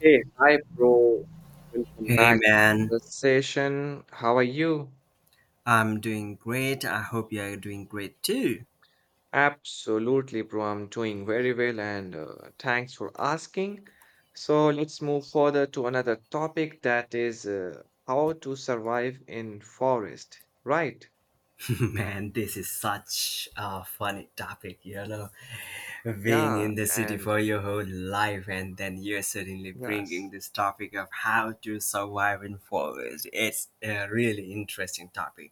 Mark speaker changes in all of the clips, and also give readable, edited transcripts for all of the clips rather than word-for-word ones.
Speaker 1: Hey, hi, bro. Welcome
Speaker 2: Hey
Speaker 1: back to
Speaker 2: man,
Speaker 1: the session. How are you?
Speaker 2: I'm doing great. I hope you're doing great too.
Speaker 1: Absolutely, bro. I'm doing very well and thanks for asking. So, let's move further to another topic that is how to survive in forest, right?
Speaker 2: Man, this is such a funny topic, you know. Being
Speaker 1: Yeah,
Speaker 2: in the city
Speaker 1: and
Speaker 2: for your whole life and then you're suddenly bringing
Speaker 1: yes.
Speaker 2: this topic of how to survive in forest. It's a really interesting topic.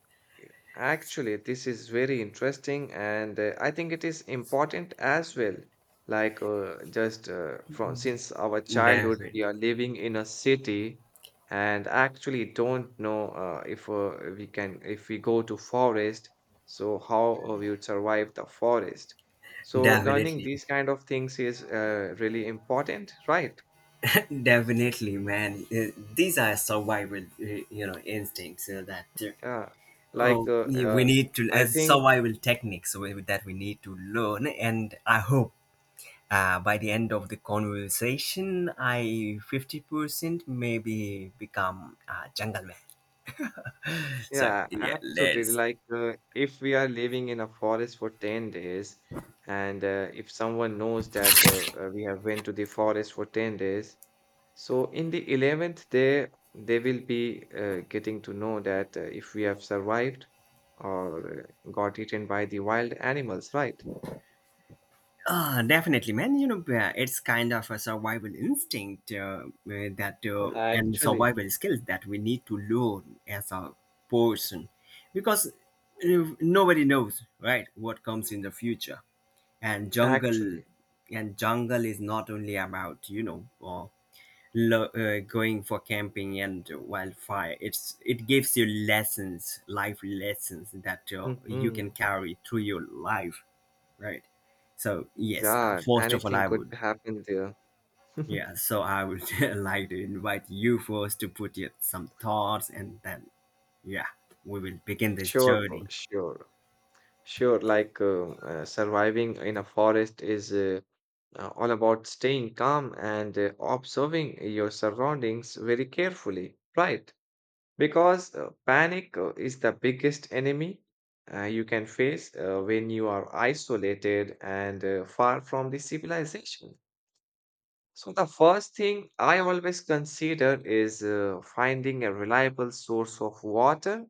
Speaker 1: Actually, this is very interesting, and I think it is important as well. Like, just from since our childhood,
Speaker 2: Definitely.
Speaker 1: we are living in a city and actually don't know if we can, if we go to forest, so how we would survive the forest. So learning
Speaker 2: Definitely.
Speaker 1: these kind of things is really important, right?
Speaker 2: Definitely, man. These are survival, instincts that
Speaker 1: Uh, like,
Speaker 2: Oh,
Speaker 1: uh,
Speaker 2: yeah, we
Speaker 1: uh,
Speaker 2: need to
Speaker 1: I
Speaker 2: as
Speaker 1: think.
Speaker 2: survival techniques that we need to learn, and I hope by the end of the conversation, I 50% maybe become a jungle man. So
Speaker 1: Yeah,
Speaker 2: yeah,
Speaker 1: absolutely.
Speaker 2: let's.
Speaker 1: If we are living in a forest for 10 days, and if someone knows that we have went to the forest for 10 days, so in the 11th day, they will be getting to know that if we have survived or got eaten by the wild animals, right?
Speaker 2: Ah, definitely, man. It's kind of a survival instinct that and
Speaker 1: Actually,
Speaker 2: survival skills that we need to learn as a person, because nobody knows, right, what comes in the future and jungle
Speaker 1: actually.
Speaker 2: and jungle is not only about going for camping and wildfire. It's it gives you lessons, life lessons, that you can
Speaker 1: hmm
Speaker 2: carry through your life, right? So yes,
Speaker 1: Yeah,
Speaker 2: first of all
Speaker 1: anything
Speaker 2: i
Speaker 1: could
Speaker 2: would
Speaker 1: happen there.
Speaker 2: Yeah, so I would like to invite you first to put your, some thoughts and then yeah we will begin this
Speaker 1: Sure, bro,
Speaker 2: journey.
Speaker 1: sure. Sure, surviving in a forest is all about staying calm and observing your surroundings very carefully, right? Because panic is the biggest enemy you can face when you are isolated and far from the civilization. So, the first thing I always consider is finding a reliable source of water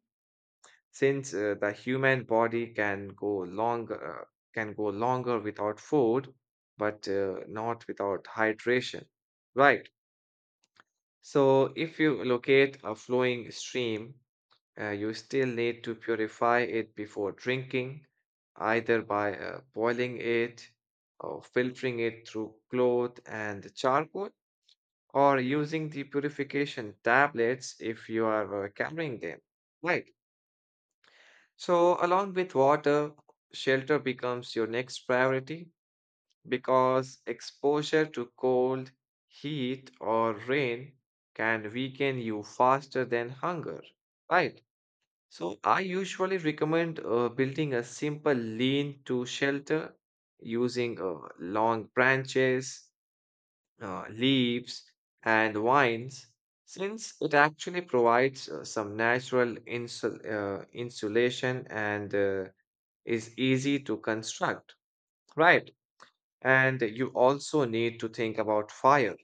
Speaker 1: since the human body can go longer without food, but not without hydration. Right. So if you locate a flowing stream, you still need to purify it before drinking, either by boiling it or filtering it through cloth and charcoal, or using the purification tablets if you are carrying them. Right. So, along with water, shelter becomes your next priority because exposure to cold, heat, or rain can weaken you faster than hunger, right? So, I usually recommend building a simple lean to shelter using long branches, leaves, and vines since it actually provides some natural insulation and is easy to construct, right? And you also need to think about fire,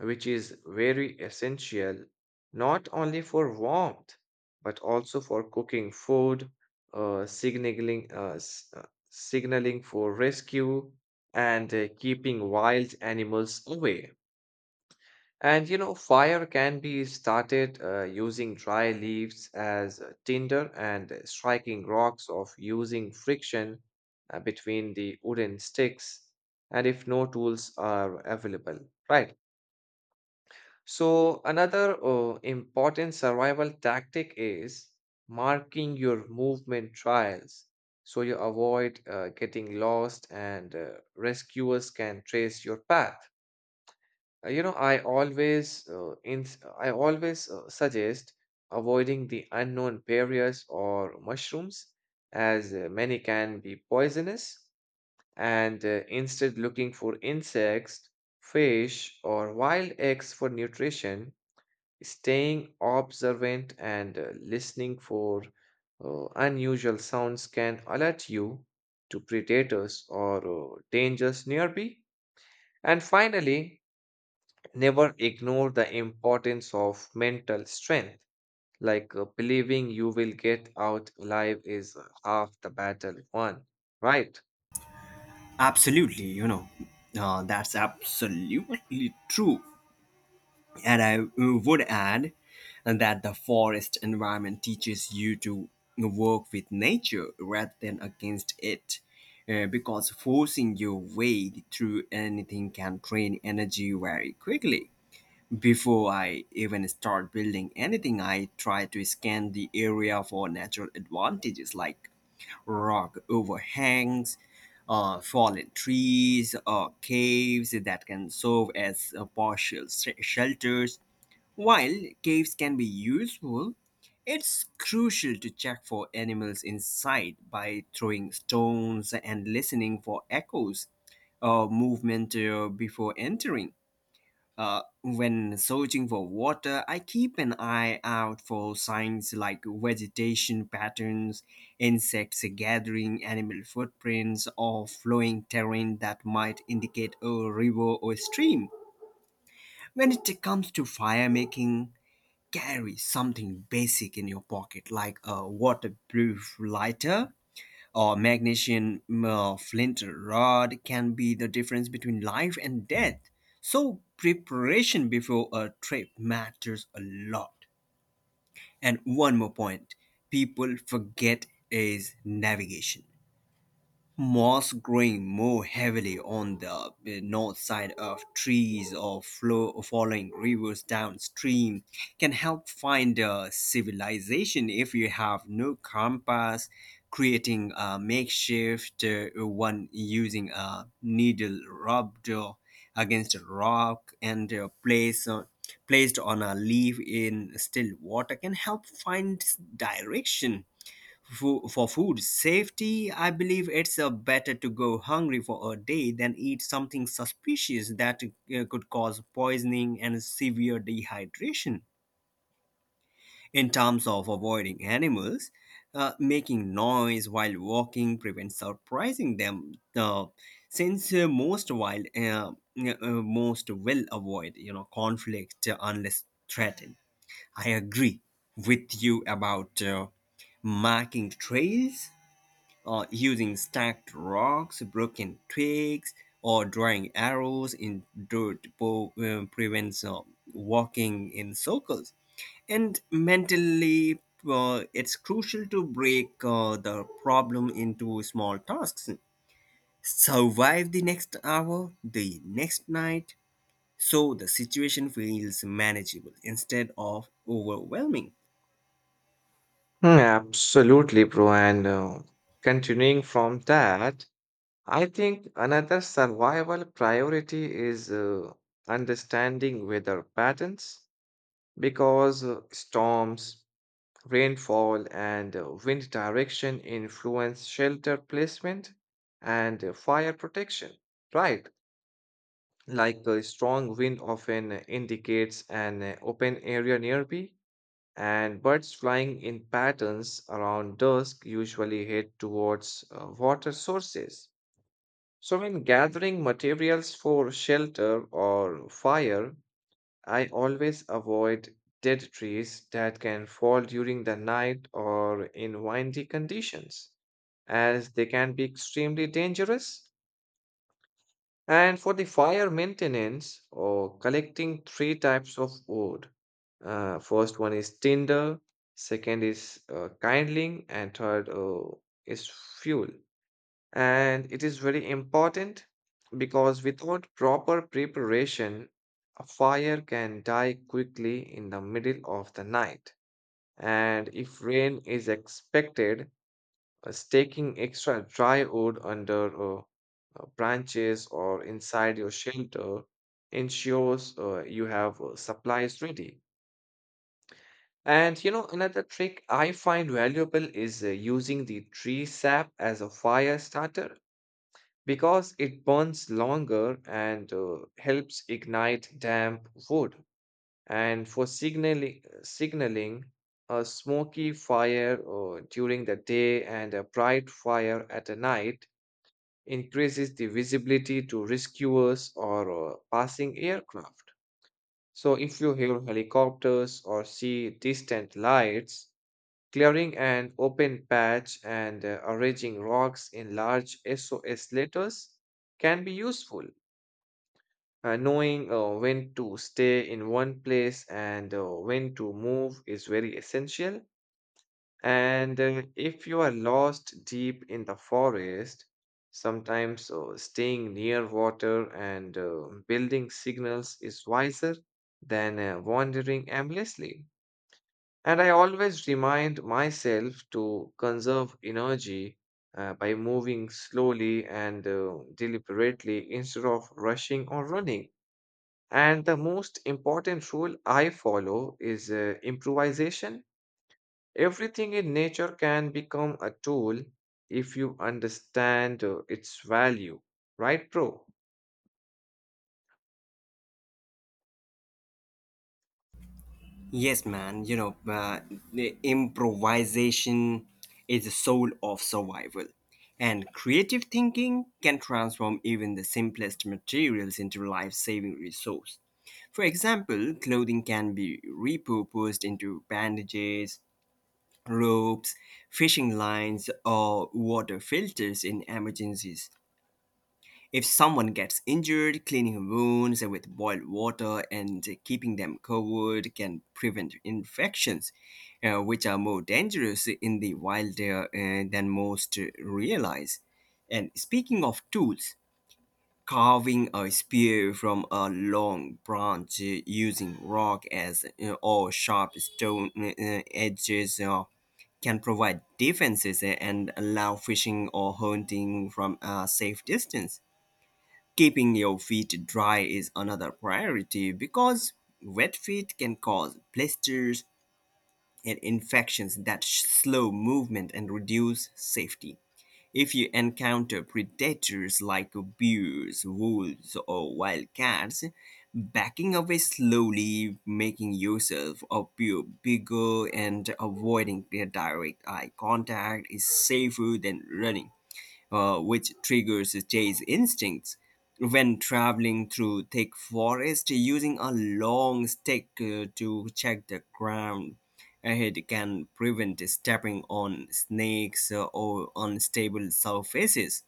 Speaker 1: which is very essential not only for warmth but also for cooking food, uh, signaling, uh, s- uh, signaling for rescue, and keeping wild animals away. And you know, fire can be started using dry leaves as tinder and striking rocks of using friction between the wooden sticks, and if no tools are available, right? So, another important survival tactic is marking your movement trials so you avoid getting lost and rescuers can trace your path. You know, I always suggest avoiding the unknown barriers or mushrooms as many can be poisonous and instead looking for insects, fish or wild eggs for nutrition, staying observant and listening for unusual sounds can alert you to predators or dangers nearby. And finally, never ignore the importance of mental strength, like believing you will get out alive is half the battle won, right?
Speaker 2: Absolutely, that's absolutely true. And I would add that the forest environment teaches you to work with nature rather than against it. Because forcing your way through anything can drain energy very quickly. Before I even start building anything, I try to scan the area for natural advantages like rock overhangs, fallen trees, or caves that can serve as partial shelters. While caves can be useful, it's crucial to check for animals inside by throwing stones and listening for echoes or movement before entering. When searching for water, I keep an eye out for signs like vegetation patterns, insects gathering, animal footprints, or flowing terrain that might indicate a river or stream. When it comes to fire making, carry something basic in your pocket like a waterproof lighter or magnesium flint rod can be the difference between life and death. So preparation before a trip matters a lot, and one more point people forget is navigation. Moss growing more heavily on the north side of trees, or following rivers downstream, can help find a civilization if you have no compass. Creating a makeshift one using a needle rubbed against a rock and placed on a leaf in still water can help find direction. For food safety, I believe it's better to go hungry for a day than eat something suspicious that could cause poisoning and severe dehydration. In terms of avoiding animals, making noise while walking prevents surprising them. Since most uh, most will avoid you know conflict unless threatened. I agree with you about marking trails using stacked rocks, broken twigs, or drawing arrows in dirt prevents walking in circles. And mentally, it's crucial to break the problem into small tasks. Survive the next hour, the next night, so the situation feels manageable instead of overwhelming.
Speaker 1: Absolutely, bro. And continuing from that, I think another survival priority is understanding weather patterns because storms, rainfall and wind direction influence shelter placement and fire protection, right? Like a strong wind often indicates an open area nearby, and birds flying in patterns around dusk usually head towards water sources. So, when gathering materials for shelter or fire, I always avoid dead trees that can fall during the night or in windy conditions, as they can be extremely dangerous. And for the fire maintenance or collecting three types of wood. First one is tinder, second is kindling, and third is fuel. And it is very important because without proper preparation, a fire can die quickly in the middle of the night. And if rain is expected, staking extra dry wood under branches or inside your shelter ensures you have supplies ready. And you know, another trick I find valuable is using the tree sap as a fire starter because it burns longer and helps ignite damp wood. And for signaling, a smoky fire during the day and a bright fire at a night increases the visibility to rescuers or passing aircraft. So if you hear helicopters or see distant lights, clearing an open patch and arranging rocks in large sos letters can be useful. Knowing when to stay in one place and when to move is very essential. And if you are lost deep in the forest, sometimes staying near water and building signals is wiser than wandering aimlessly. And I always remind myself to conserve energy by moving slowly and deliberately instead of rushing or running. And the most important rule I follow is improvisation. Everything in nature can become a tool if you understand its value, right, bro?
Speaker 2: Yes, man. The improvisation is the soul of survival. And creative thinking can transform even the simplest materials into life saving resource. For example, clothing can be repurposed into bandages, ropes, fishing lines, or water filters in emergencies. If someone gets injured, cleaning wounds with boiled water and keeping them covered can prevent infections, which are more dangerous in the wild than most realize. And speaking of tools, carving a spear from a long branch using rock as or sharp stone edges can provide defenses and allow fishing or hunting from a safe distance. Keeping your feet dry is another priority because wet feet can cause blisters and infections that slow movement and reduce safety. If you encounter predators like bears, wolves, or wildcats, backing away slowly, making yourself appear bigger, and avoiding their direct eye contact is safer than running, which triggers chase instincts. When traveling through thick forest, using a long stick to check the ground ahead can prevent stepping on snakes or unstable surfaces.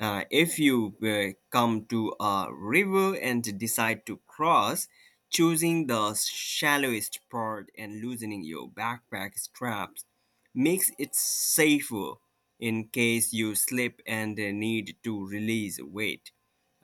Speaker 2: If you come to a river and decide to cross, choosing the shallowest part and loosening your backpack straps makes it safer in case you slip and need to release weight.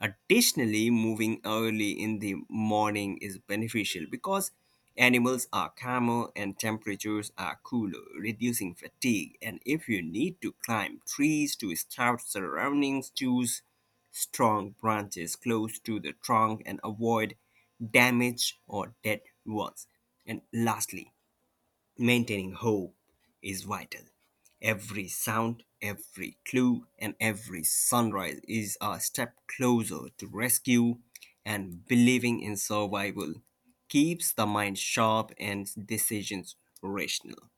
Speaker 2: Additionally, moving early in the morning is beneficial because animals are calmer and temperatures are cooler, reducing fatigue. And if you need to climb trees to scout surroundings, choose strong branches close to the trunk and avoid damage or dead ones. And lastly, maintaining hope is vital. Every sound, every clue, and every sunrise is a step closer to rescue, and believing in survival keeps the mind sharp and decisions rational.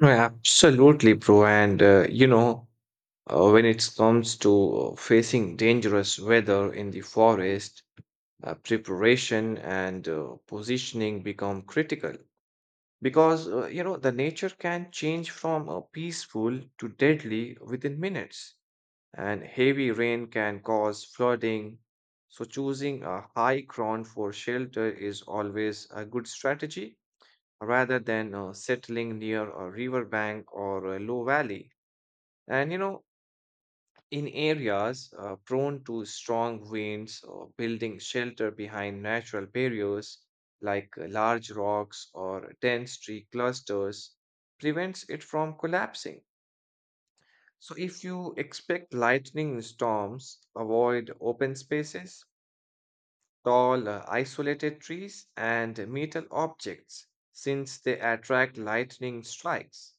Speaker 1: No, absolutely, bro. And you know, when it comes to facing dangerous weather in the forest, preparation and positioning become critical because you know the nature can change from peaceful to deadly within minutes. And heavy rain can cause flooding. So, choosing a high ground for shelter is always a good strategy rather than settling near a riverbank or a low valley. And you know, in areas prone to strong winds, or building shelter behind natural barriers like large rocks or dense tree clusters prevents it from collapsing. So, if you expect lightning storms, avoid open spaces, tall, isolated trees, and metal objects since they attract lightning strikes.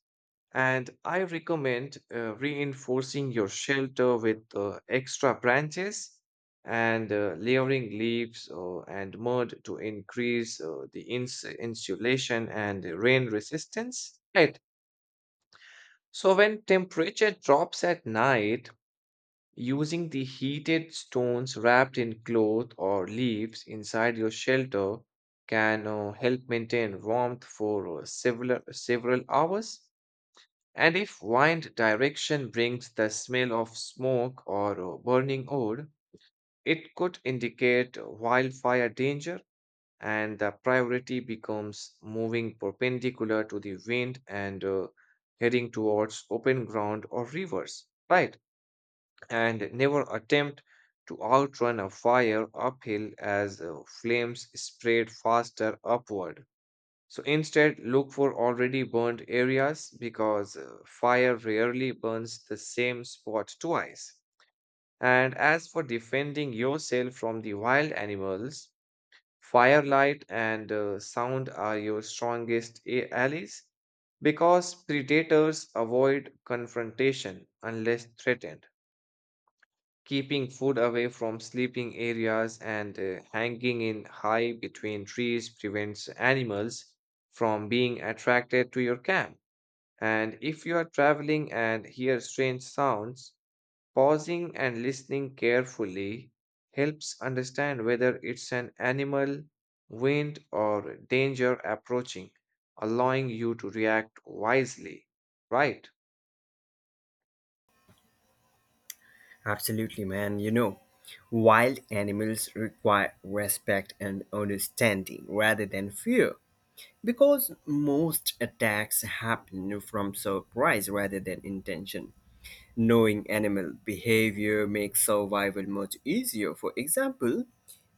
Speaker 1: And I recommend reinforcing your shelter with extra branches and layering leaves and mud to increase the insulation and rain resistance. Right. So, when temperature drops at night, using the heated stones wrapped in cloth or leaves inside your shelter can help maintain warmth for several hours. And if wind direction brings the smell of smoke or burning wood, it could indicate wildfire danger, and the priority becomes moving perpendicular to the wind and heading towards open ground or rivers, right? And never attempt to outrun a fire uphill as flames spread faster upward. So instead, look for already burnt areas because fire rarely burns the same spot twice. And as for defending yourself from the wild animals, firelight and sound are your strongest allies because predators avoid confrontation unless threatened. Keeping food away from sleeping areas and hanging in high between trees prevents animals from being attracted to your camp. And if you are traveling and hear strange sounds, pausing and listening carefully helps understand whether it's an animal, wind, or danger approaching, allowing you to react wisely, right?
Speaker 2: Absolutely, man. You know, wild animals require respect and understanding rather than fear because most attacks happen from surprise rather than intention. Knowing animal behavior makes survival much easier. For example,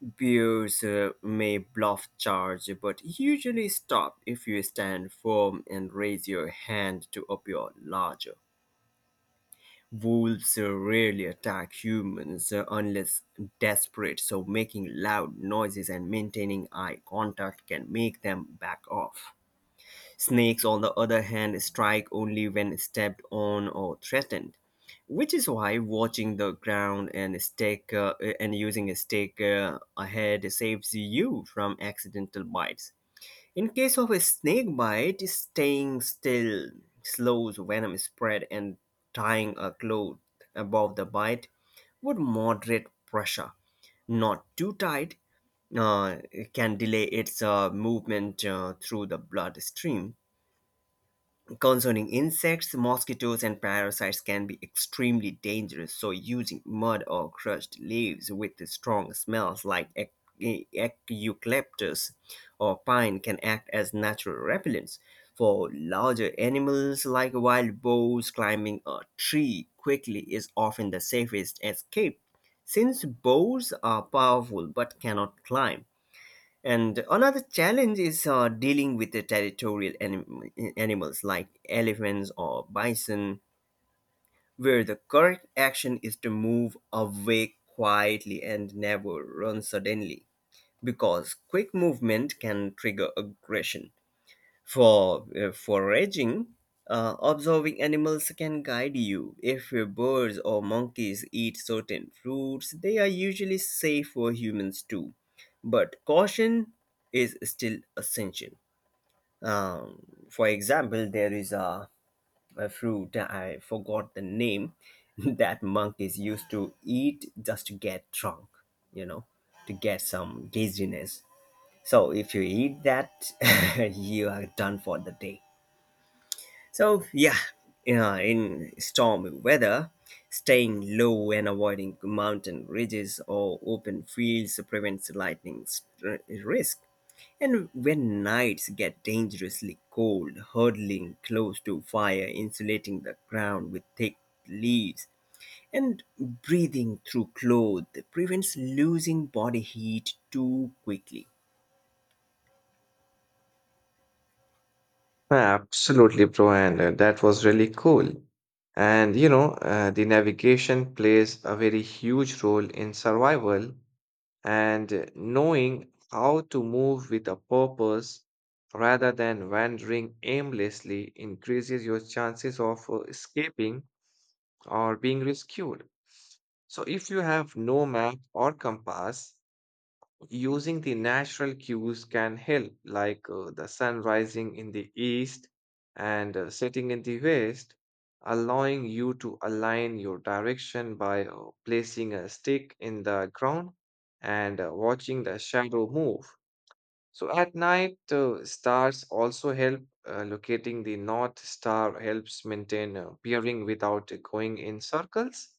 Speaker 2: bears may bluff charge but usually stop if you stand firm and raise your hand to appear larger. Wolves rarely attack humans unless desperate, so making loud noises and maintaining eye contact can make them back off. Snakes, on the other hand, strike only when stepped on or threatened, which is why watching the ground and stick and using a stick ahead saves you from accidental bites. In case of a snake bite, staying still slows venom spread, and tying a cloth above the bite would moderate pressure, not too tight, uh, can delay its movement through the bloodstream. Concerning insects, mosquitoes and parasites can be extremely dangerous, so using mud or crushed leaves with strong smells like eucalyptus or pine can act as natural repellents. For larger animals like wild boars, climbing a tree quickly is often the safest escape. Since boars are powerful but cannot climb, and another challenge is dealing with the territorial animals like elephants or bison, where the correct action is to move away quietly and never run suddenly, because quick movement can trigger aggression. For foraging, observing animals can guide you. If birds or monkeys eat certain fruits, they are usually safe for humans too. But caution is still essential. Um, for example, there is a fruit, I forgot the name, that monkeys used to eat just to get drunk, you know, to get some dizziness. So if you eat that, you are done for the day. So yeah, in stormy weather, staying low and avoiding mountain ridges or open fields prevents lightning risk. And when nights get dangerously cold, huddling close to fire, insulating the ground with thick leaves, and breathing through clothes prevents losing body heat too quickly.
Speaker 1: Absolutely, bro, and that was really cool. And you know, the navigation plays a very huge role in survival, and knowing how to move with a purpose rather than wandering aimlessly increases your chances of escaping or being rescued. So, if you have no map or compass, using the natural cues can help, like the sun rising in the east and setting in the west, allowing you to align your direction by placing a stick in the ground and watching the shadow move. So at night, stars also help. Locating the north star helps maintain bearing without going in circles.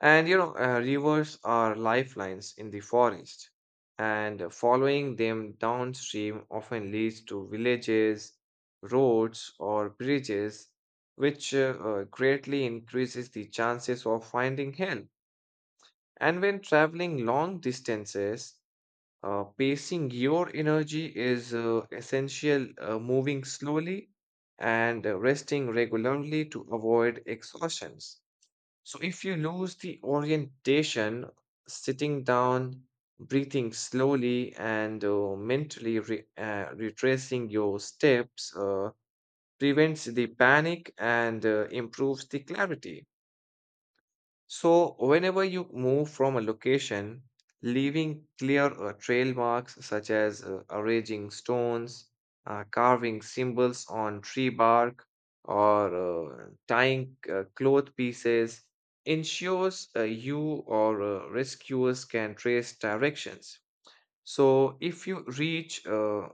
Speaker 1: And you know, rivers are lifelines in the forest, and following them downstream often leads to villages, roads, or bridges, which greatly increases the chances of finding help. And when traveling long distances, pacing your energy is essential, moving slowly and resting regularly to avoid exhaustions. So if you lose the orientation, sitting down, breathing slowly, and mentally retracing your steps prevents the panic and improves the clarity. So, whenever you move from a location, leaving clear trail marks such as arranging stones, carving symbols on tree bark, or tying cloth pieces ensures you or rescuers can trace directions. So, if you reach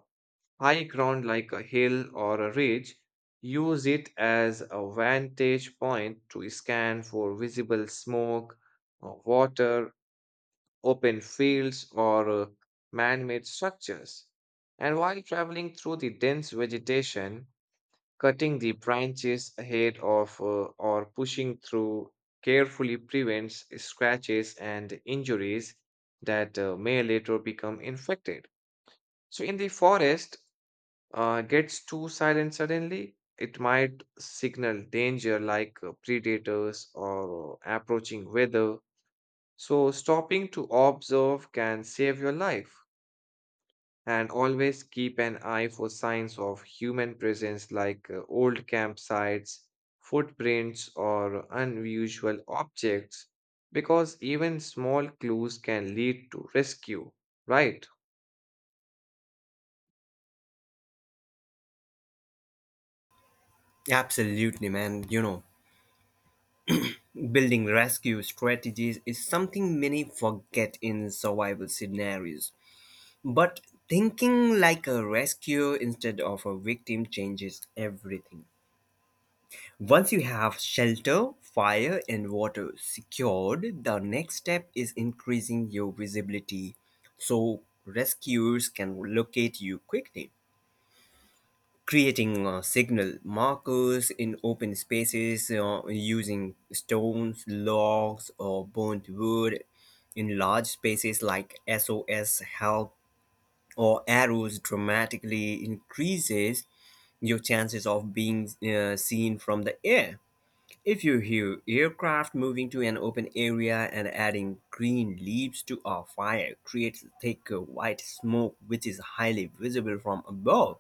Speaker 1: high ground like a hill or a ridge, use it as a vantage point to scan for visible smoke, water, open fields, or man made structures. And while traveling through the dense vegetation, cutting the branches ahead of or pushing through carefully prevents scratches and injuries that may later become infected. So, in the forest, gets too silent suddenly, it might signal danger like predators or approaching weather. So, stopping to observe can save your life. And always keep an eye for signs of human presence like old campsites, footprints, or unusual objects, because even small clues can lead to rescue, right?
Speaker 2: Absolutely, man. You know, building rescue strategies is something many forget in survival scenarios. But thinking like a rescue instead of a victim changes everything. Once you have shelter, fire, and water secured, the next step is increasing your visibility, so rescuers can locate you quickly. Creating signal markers in open spaces using stones, logs, or burnt wood in large spaces like SOS, help, or arrows dramatically increases your chances of being seen from the air. If you hear aircraft, moving to an open area and adding green leaves to our fire creates thick white smoke, which is highly visible from above.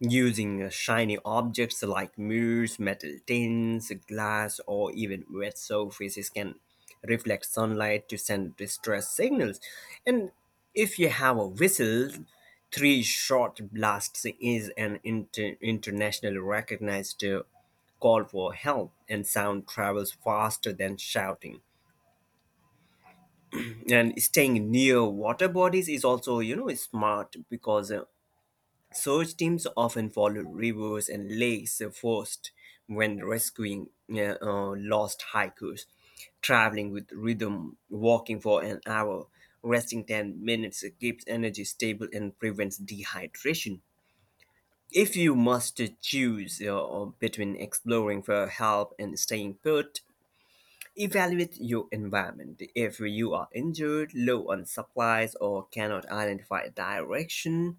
Speaker 2: Using shiny objects like mirrors, metal tins, glass, or even wet surfaces can reflect sunlight to send distress signals. And if you have a whistle, three short blasts is an internationally recognized call for help, and sound travels faster than shouting. And staying near water bodies is also, you know, smart because search teams often follow rivers and lakes first when rescuing lost hikers. Traveling with rhythm, walking for an hour, resting 10 minutes keeps energy stable and prevents dehydration. If you must choose between exploring for help and staying put, evaluate your environment. If you are injured, low on supplies, or cannot identify direction,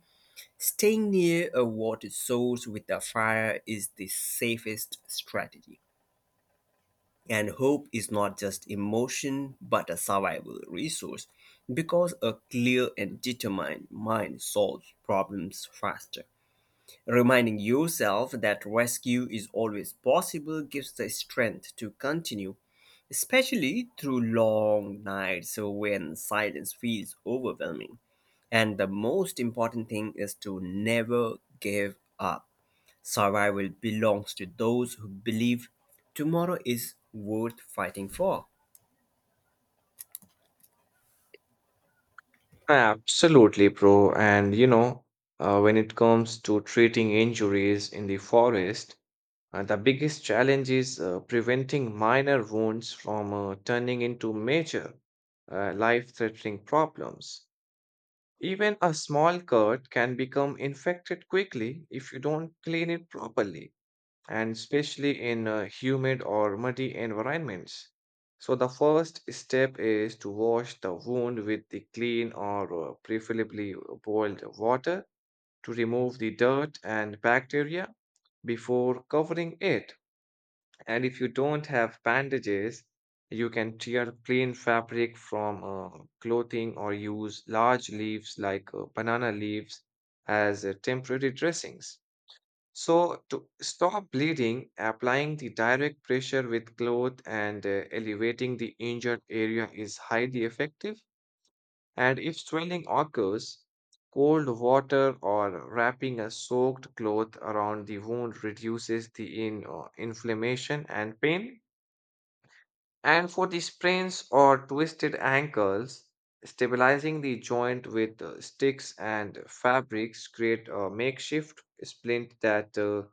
Speaker 2: staying near a water source with a fire is the safest strategy. And hope is not just emotion but a survival resource because a clear and determined mind solves problems faster. Reminding yourself that rescue is always possible gives the strength to continue, especially through long nights when silence feels overwhelming. And the most important thing is to never give up. Survival belongs to those who believe tomorrow is worth fighting for.
Speaker 1: Absolutely, bro. And you know, when it comes to treating injuries in the forest, the biggest challenge is preventing minor wounds from turning into major, life-threatening problems. Even a small cut can become infected quickly if you don't clean it properly and especially in humid or muddy environments. So, the first step is to wash the wound with the clean or preferably boiled water to remove the dirt and bacteria before covering it. And if you don't have bandages, you can tear plain fabric from clothing or use large leaves like banana leaves as temporary dressings. So, to stop bleeding, applying the direct pressure with cloth and elevating the injured area is highly effective. And if swelling occurs, cold water or wrapping a soaked cloth around the wound reduces the inflammation and pain. And for the sprains or twisted ankles, stabilizing the joint with sticks and fabrics create a makeshift splint that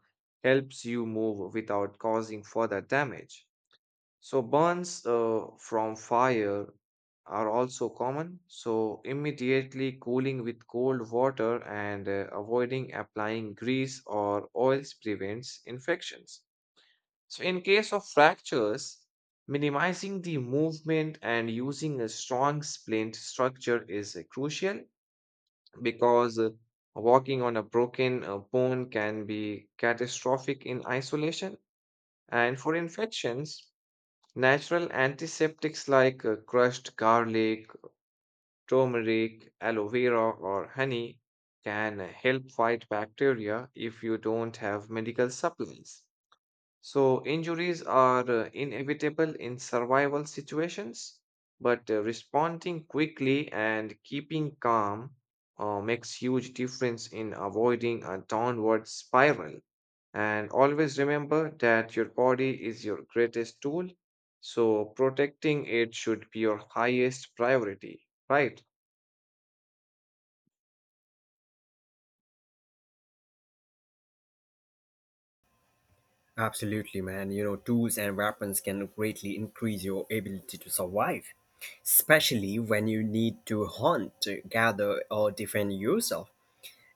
Speaker 1: helps you move without causing further damage. So burns from fire are also common. So immediately cooling with cold water and avoiding applying grease or oils prevents infections. So, in case of fractures, minimizing the movement and using a strong splint structure is crucial because walking on a broken bone can be catastrophic in isolation. And for infections, natural antiseptics like crushed garlic, turmeric, aloe vera, or honey can help fight bacteria if you don't have medical supplies. So, injuries are inevitable in survival situations, but responding quickly and keeping calm makes huge difference in avoiding a downward spiral. And always remember that your body is your greatest tool, so protecting it should be your highest priority, right?
Speaker 2: Absolutely, man. You know, tools and weapons can greatly increase your ability to survive, especially when you need to hunt, gather, or defend yourself.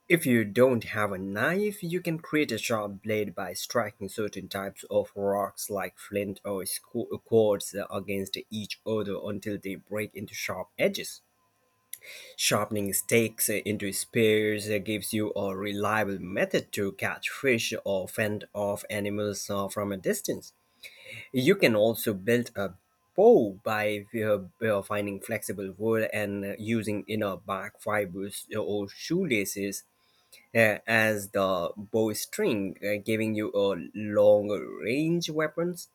Speaker 2: If you don't have a knife, you can create a sharp blade by striking certain types of rocks like flint or quartz against each other until they break into sharp edges. Sharpening stakes into spears gives you a reliable method to catch fish or fend off animals from a distance. You can also build a bow by finding flexible wood and using inner bark fibers or shoelaces as the bowstring, giving you a longer range weapons.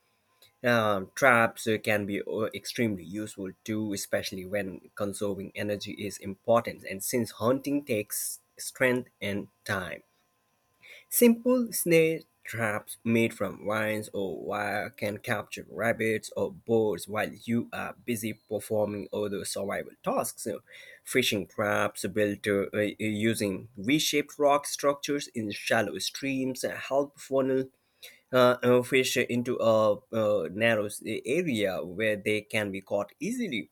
Speaker 2: Traps can be extremely useful too, especially when conserving energy is important, and since hunting takes strength and time. Simple snare traps made from vines or wire can capture rabbits or birds while you are busy performing other survival tasks. So, fishing traps built using V shaped rock structures in shallow streams help funnel fish into a narrow area where they can be caught easily.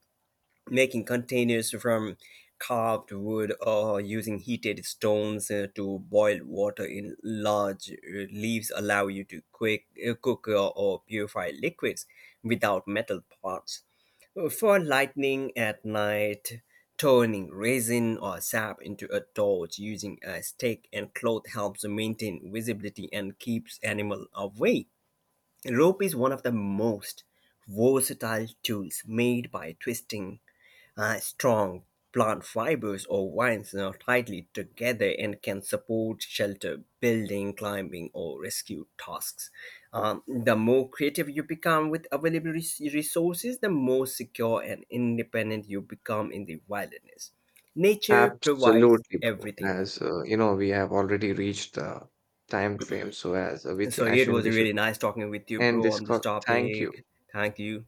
Speaker 2: Making containers from carved wood or using heated stones to boil water in large leaves allow you to cook or purify liquids without metal parts. For lightning at night, turning resin or sap into a torch using a stick and cloth helps maintain visibility and keeps animal away. Rope is one of the most versatile tools made by twisting strong plant fibers or vines are tightly together and can support shelter, building, climbing, or rescue tasks. The more creative you become with available resources, the more secure and independent you become in the wilderness. Nature provides
Speaker 1: Absolutely, bro.
Speaker 2: everything.
Speaker 1: As you know, we have already reached the time frame, so as we think,
Speaker 2: So
Speaker 1: I
Speaker 2: it
Speaker 1: shouldn't,
Speaker 2: was
Speaker 1: we should.
Speaker 2: really nice talking with you,
Speaker 1: And
Speaker 2: bro,
Speaker 1: this
Speaker 2: on this
Speaker 1: call. Thank you.
Speaker 2: topic. Thank you.